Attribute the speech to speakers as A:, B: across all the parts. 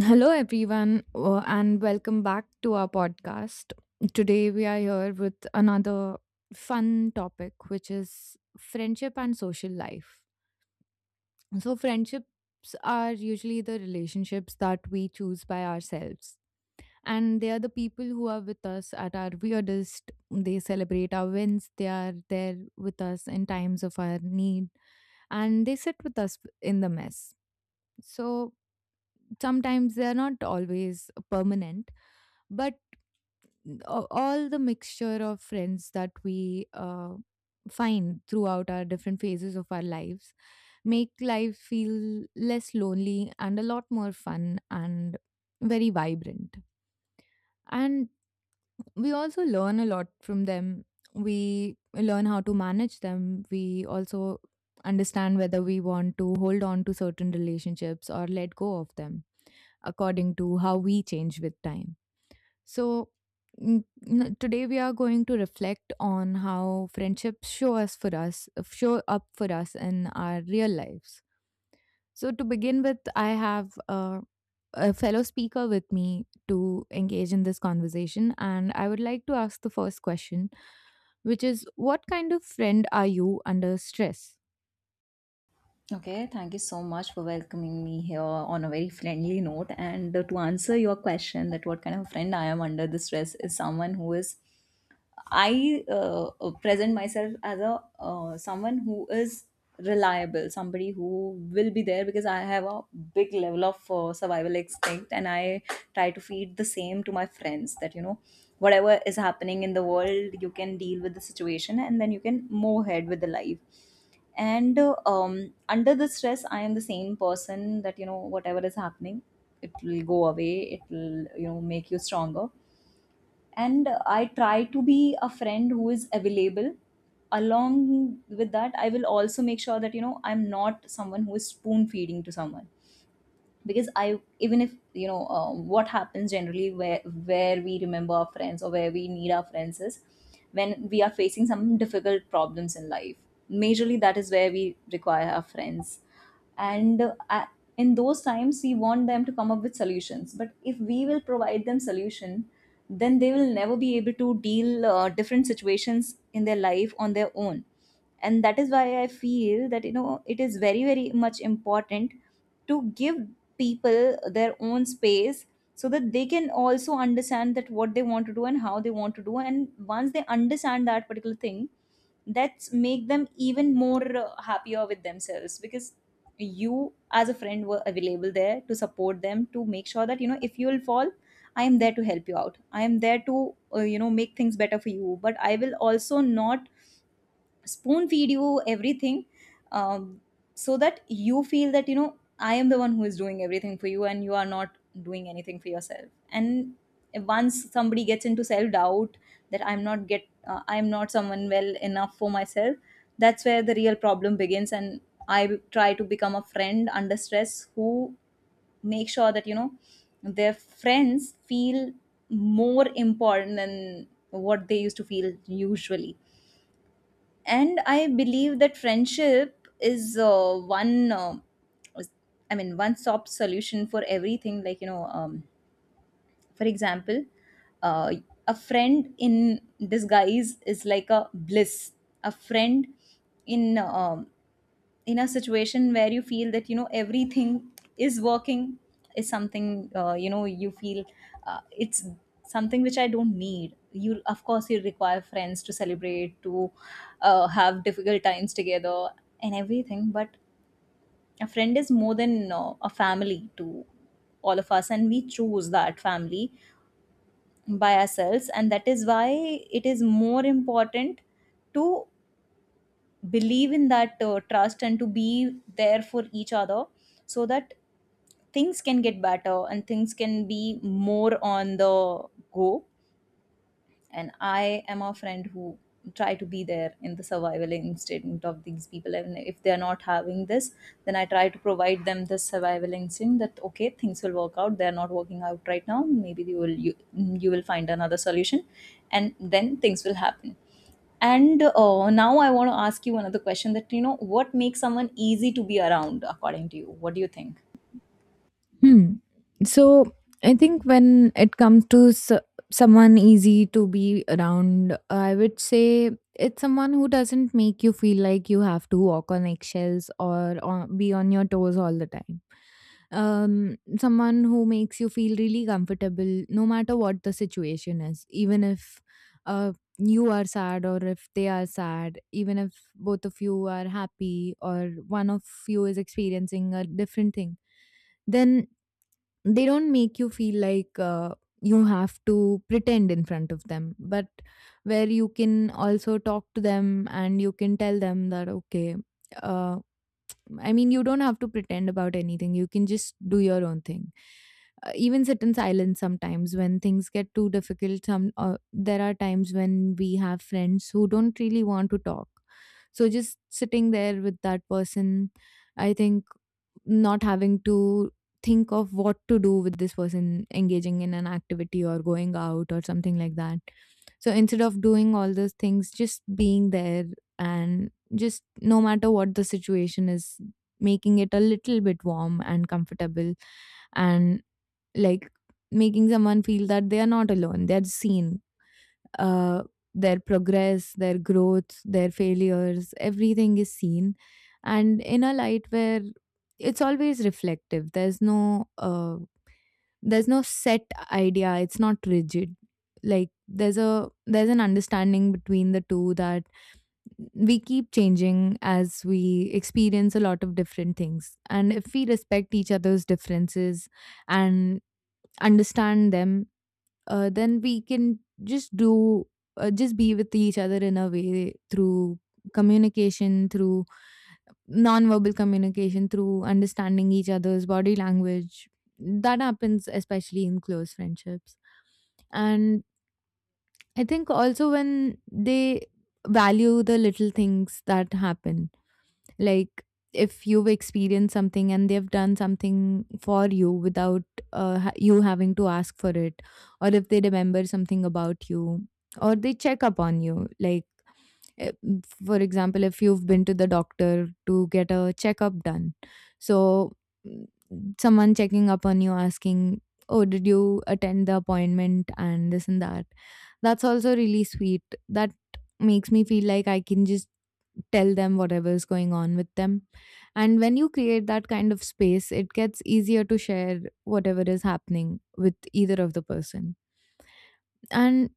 A: Hello, everyone, and welcome back to our podcast. Today, we are here with another fun topic, which is friendship and social life. So, friendships are usually the relationships that we choose by ourselves, and they are the people who are with us at our weirdest. They celebrate our wins, they are there with us in times of our need, and they sit with us in the mess. So sometimes they are not always permanent, but all the mixture of friends that we find throughout our different phases of our lives make life feel less lonely and a lot more fun and very vibrant. And we also learn a lot from them. We learn how to manage them. We also understand whether we want to hold on to certain relationships or let go of them according to how we change with time. So, today we are going to reflect on how friendships show up for us in our real lives. So, to begin with, I have a fellow speaker with me to engage in this conversation, and I would like to ask the first question, which is, what kind of friend are you under stress?
B: Okay, thank you so much for welcoming me here on a very friendly note. And To answer your question, that what kind of friend I am under the stress is someone who is I present myself as a someone who is reliable, somebody who will be there because I have a big level of survival instinct, and I try to feed the same to my friends that you know whatever is happening in the world, you can deal with the situation, and then you can move ahead with the life. And Under the stress, I am the same person that you know whatever is happening, it will go away. It will, you know, make you stronger, and I try to be a friend who is available. Along with that, I will also make sure that you know I'm not someone who is spoon feeding to someone, because I even if you know what happens generally where we remember our friends, or where we need our friends, is when we are facing some difficult problems in life, majorly that is where we require our friends. and uh, a- in those times we want them to come up with solutions, but if we will provide them solution, then they will never be able to deal different situations in their life on their own. And that is why I feel that you know it is very very much important to give people their own space, so that they can also understand that what they want to do and how they want to do, and once they understand that particular thing, that's make them even more happier with themselves, because you as a friend were available there to support them, to make sure that you know if you will fall, I am there to help you out. I am there to you know make things better for you, but I will also not spoon feed you everything, um, so that you feel that you know I am the one who is doing everything for you and you are not doing anything for yourself. And once somebody gets into self doubt that I'm not someone well enough for myself, that's where the real problem begins. And I try to become a friend under stress who make sure that you know their friends feel more important than what they used to feel usually. And I believe that friendship is one I mean one stop solution for everything, like you know, for example, uh, a friend in disguise is like a bliss. A friend in um, in a situation where you feel that you know everything is working is something you know you feel it's something which I don't need. You of course you require friends to celebrate, to have difficult times together and everything. But a friend is more than a family to all of us, and we choose that family by ourselves. And that is why it is more important to believe in that trust and to be there for each other, so that things can get better and things can be more on the go. And I am a friend who try to be there in the survival instinct of these people, and if they're not having this, then I try to provide them this survival instinct that okay, things will work out, they're not working out right now, maybe you will find another solution, and then things will happen. And Now I want to ask you another question, that you know what makes someone easy to be around. According to you, what do you think?
A: Hmm. So I think when it comes to s someone easy to be around, I would say it's someone who doesn't make you feel like you have to walk on eggshells or be on your toes all the time. Um, someone who makes you feel really comfortable no matter what the situation is, even if uh, you are sad or if they are sad, even if both of you are happy or one of you is experiencing a different thing, then they don't make you feel like you have to pretend in front of them, but where you can also talk to them and you can tell them that, okay, uh, I mean, you don't have to pretend about anything. You can just do your own thing. Even sit in silence sometimes when things get too difficult. Some There are times when we have friends who don't really want to talk. So just sitting there with that person, I think, not having to think of what to do with this person engaging in an activity or going out or something like that. So instead of doing all those things, just being there, and just no matter what the situation is, making it a little bit warm and comfortable, and like making someone feel that they are not alone, they're seen, uh, their progress, their growth, their failures, everything is seen, and in a light where it's always reflective. There's there's no set idea, it's not rigid. Like there's an understanding between the two that we keep changing as we experience a lot of different things. And if we respect each other's differences and understand them, then we can just be with each other in a way through communication, through non-verbal communication, through understanding each other's body language. That happens especially in close friendships. And I think also when they value the little things that happen. Like, if you've experienced something and they've done something for you without you having to ask for it, or if they remember something about you, or they check up on you, like for example, if you've been to the doctor to get a checkup done, so, mm, someone checking up on you asking, oh, did you attend the appointment and this and that? That's also really sweet. That makes me feel like I can just tell them whatever is going on with them. And when you create that kind of space, it gets easier to share whatever is happening with either of the person. And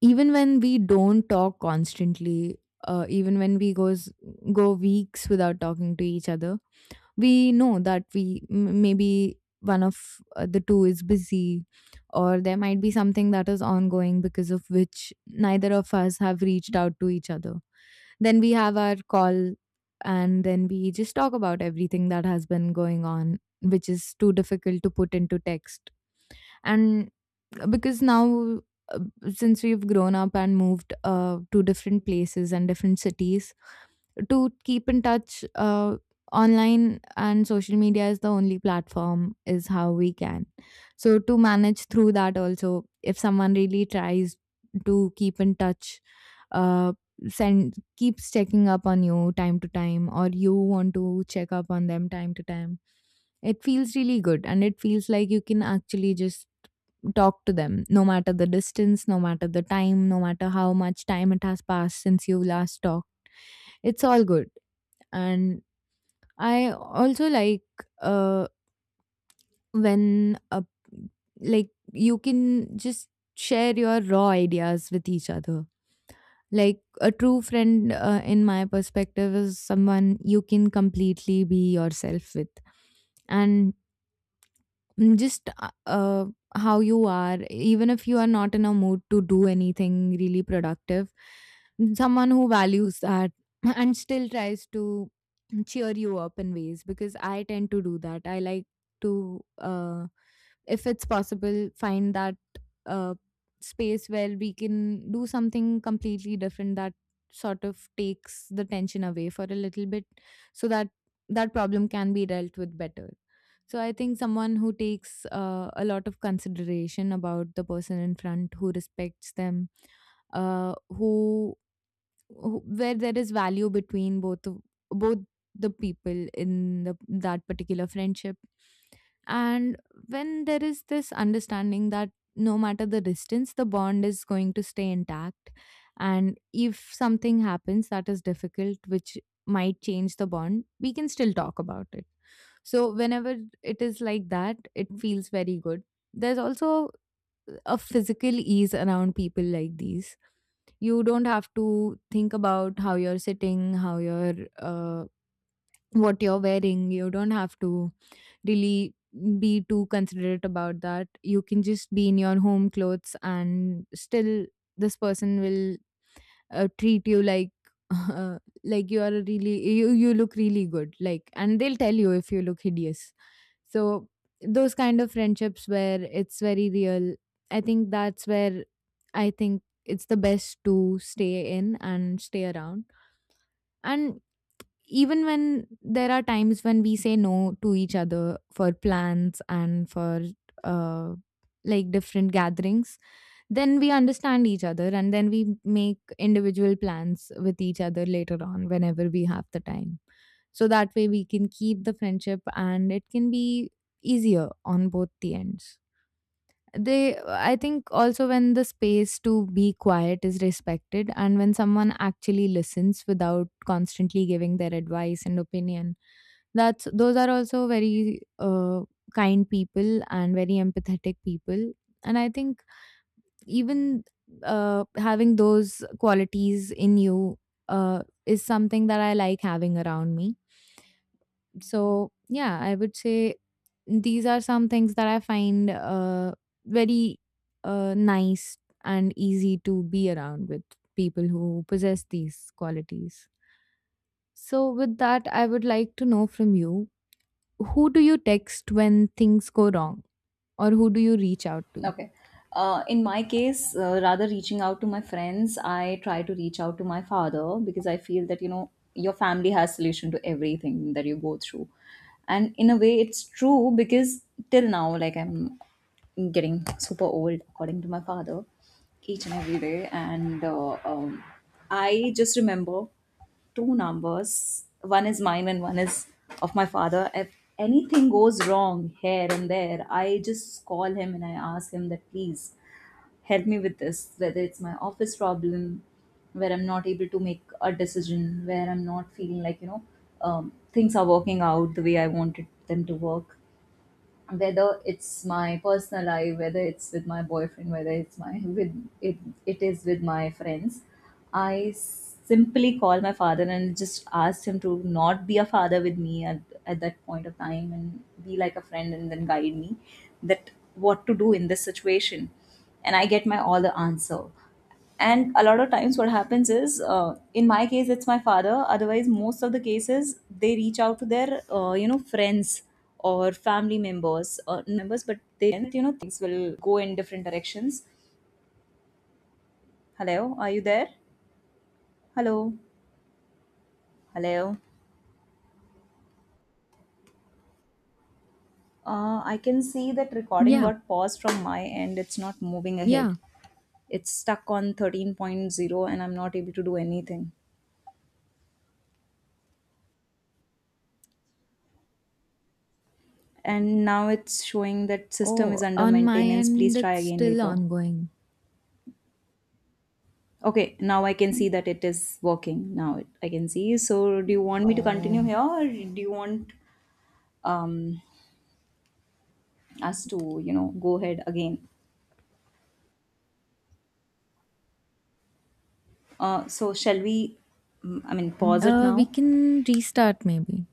A: even when we don't talk constantly, even when we goes go weeks without talking to each other, we know that maybe one of the two is busy, or there might be something that is ongoing because of which neither of us have reached out to each other, then we have our call and then we just talk about everything that has been going on, which is too difficult to put into text. And because now, uh, since we've grown up and moved to different places and different cities, to keep in touch online and social media is the only platform, is how we can, so to manage through that also, if someone really tries to keep in touch, uh, send keeps checking up on you time to time, or you want to check up on them time to time, it feels really good and it feels like you can actually just talk to them, no matter the distance, no matter the time, no matter how much time it has passed since you last talked, it's all good. And I also like, uh, when like you can just share your raw ideas with each other. Like a true friend, in my perspective, is someone you can completely be yourself with, and Mm, just how you are, even if you are not in a mood to do anything really productive. Someone who values that and still tries to cheer you up in ways, because I tend to do that. I like to, if it's possible, find that uh, space where we can do something completely different that sort of takes the tension away for a little bit, so that that problem can be dealt with better. So I think someone who takes a lot of consideration about the person in front, who respects them, uh, who where there is value between both the people in that particular friendship, and when there is this understanding that no matter the distance the bond is going to stay intact, and if something happens that is difficult which might change the bond, we can still talk about it. So whenever it is like that, it feels very good. There's also a physical ease around people like these. You don't have to think about how you're sitting, how what you're wearing. You don't have to really be too considerate about that. You can just be in your home clothes and still this person will treat you like like you are a really you you look really good, like, and they'll tell you if you look hideous. So those kind of friendships where it's very real, I think that's where, I think it's the best to stay in and stay around. And even when there are times when we say no to each other for plans and for uh, like different gatherings, then we understand each other and then we make individual plans with each other later on whenever we have the time. So that way we can keep the friendship and it can be easier on both the ends. They I think also when the space to be quiet is respected and when someone actually listens without constantly giving their advice and opinion, that's those are also very kind people and very empathetic people. And I think even, having those qualities in you is something that I like having around me. So, yeah, I would say these are some things that I find very nice and easy to be around with people who possess these qualities. So, with that, I would like to know from you, who do you text when things go wrong, or who do you reach out to?
B: Okay. In my case, rather reaching out to my friends, I try to reach out to my father, because I feel that you know your family has solution to everything that you go through, and in a way, it's true because till now, like I'm getting super old, according to my father, each and every day. And I just remember two numbers. One is mine and one is of my father. If anything goes wrong here and there, I just call him and I ask him that please help me with this, whether it's my office problem, where I'm not able to make a decision, where I'm not feeling like, you know, things are working out the way I wanted them to work, whether it's my personal life, whether it's with my boyfriend, whether it's my with it, it is with my friends. I simply call my father and just asked him to not be a father with me at that point of time and be like a friend, and then guide me that what to do in this situation, and I get my all the answer. And a lot of times what happens is, in my case it's my father, otherwise most of the cases they reach out to their you know friends or family members or members, but they you know things will go in different directions. Hello, are you there? Hello. Hello. I can see that recording
A: Yeah,
B: got paused from my end, it's not moving ahead.
A: yeah.
B: It's stuck on thirteen point zero, and I'm not able to do anything. And now it's showing that system is
A: Oh,
B: under
A: on my
B: maintenance,
A: end,
B: please try
A: it's
B: again
A: still
B: later.
A: ongoing.
B: Okay, now I can see that it is working. Now it, I can see. So, do you want me to continue
A: Oh,
B: here, or do you want um, us to, you know, go ahead again? So, shall we? I mean, pause it
A: we
B: now.
A: can restart maybe.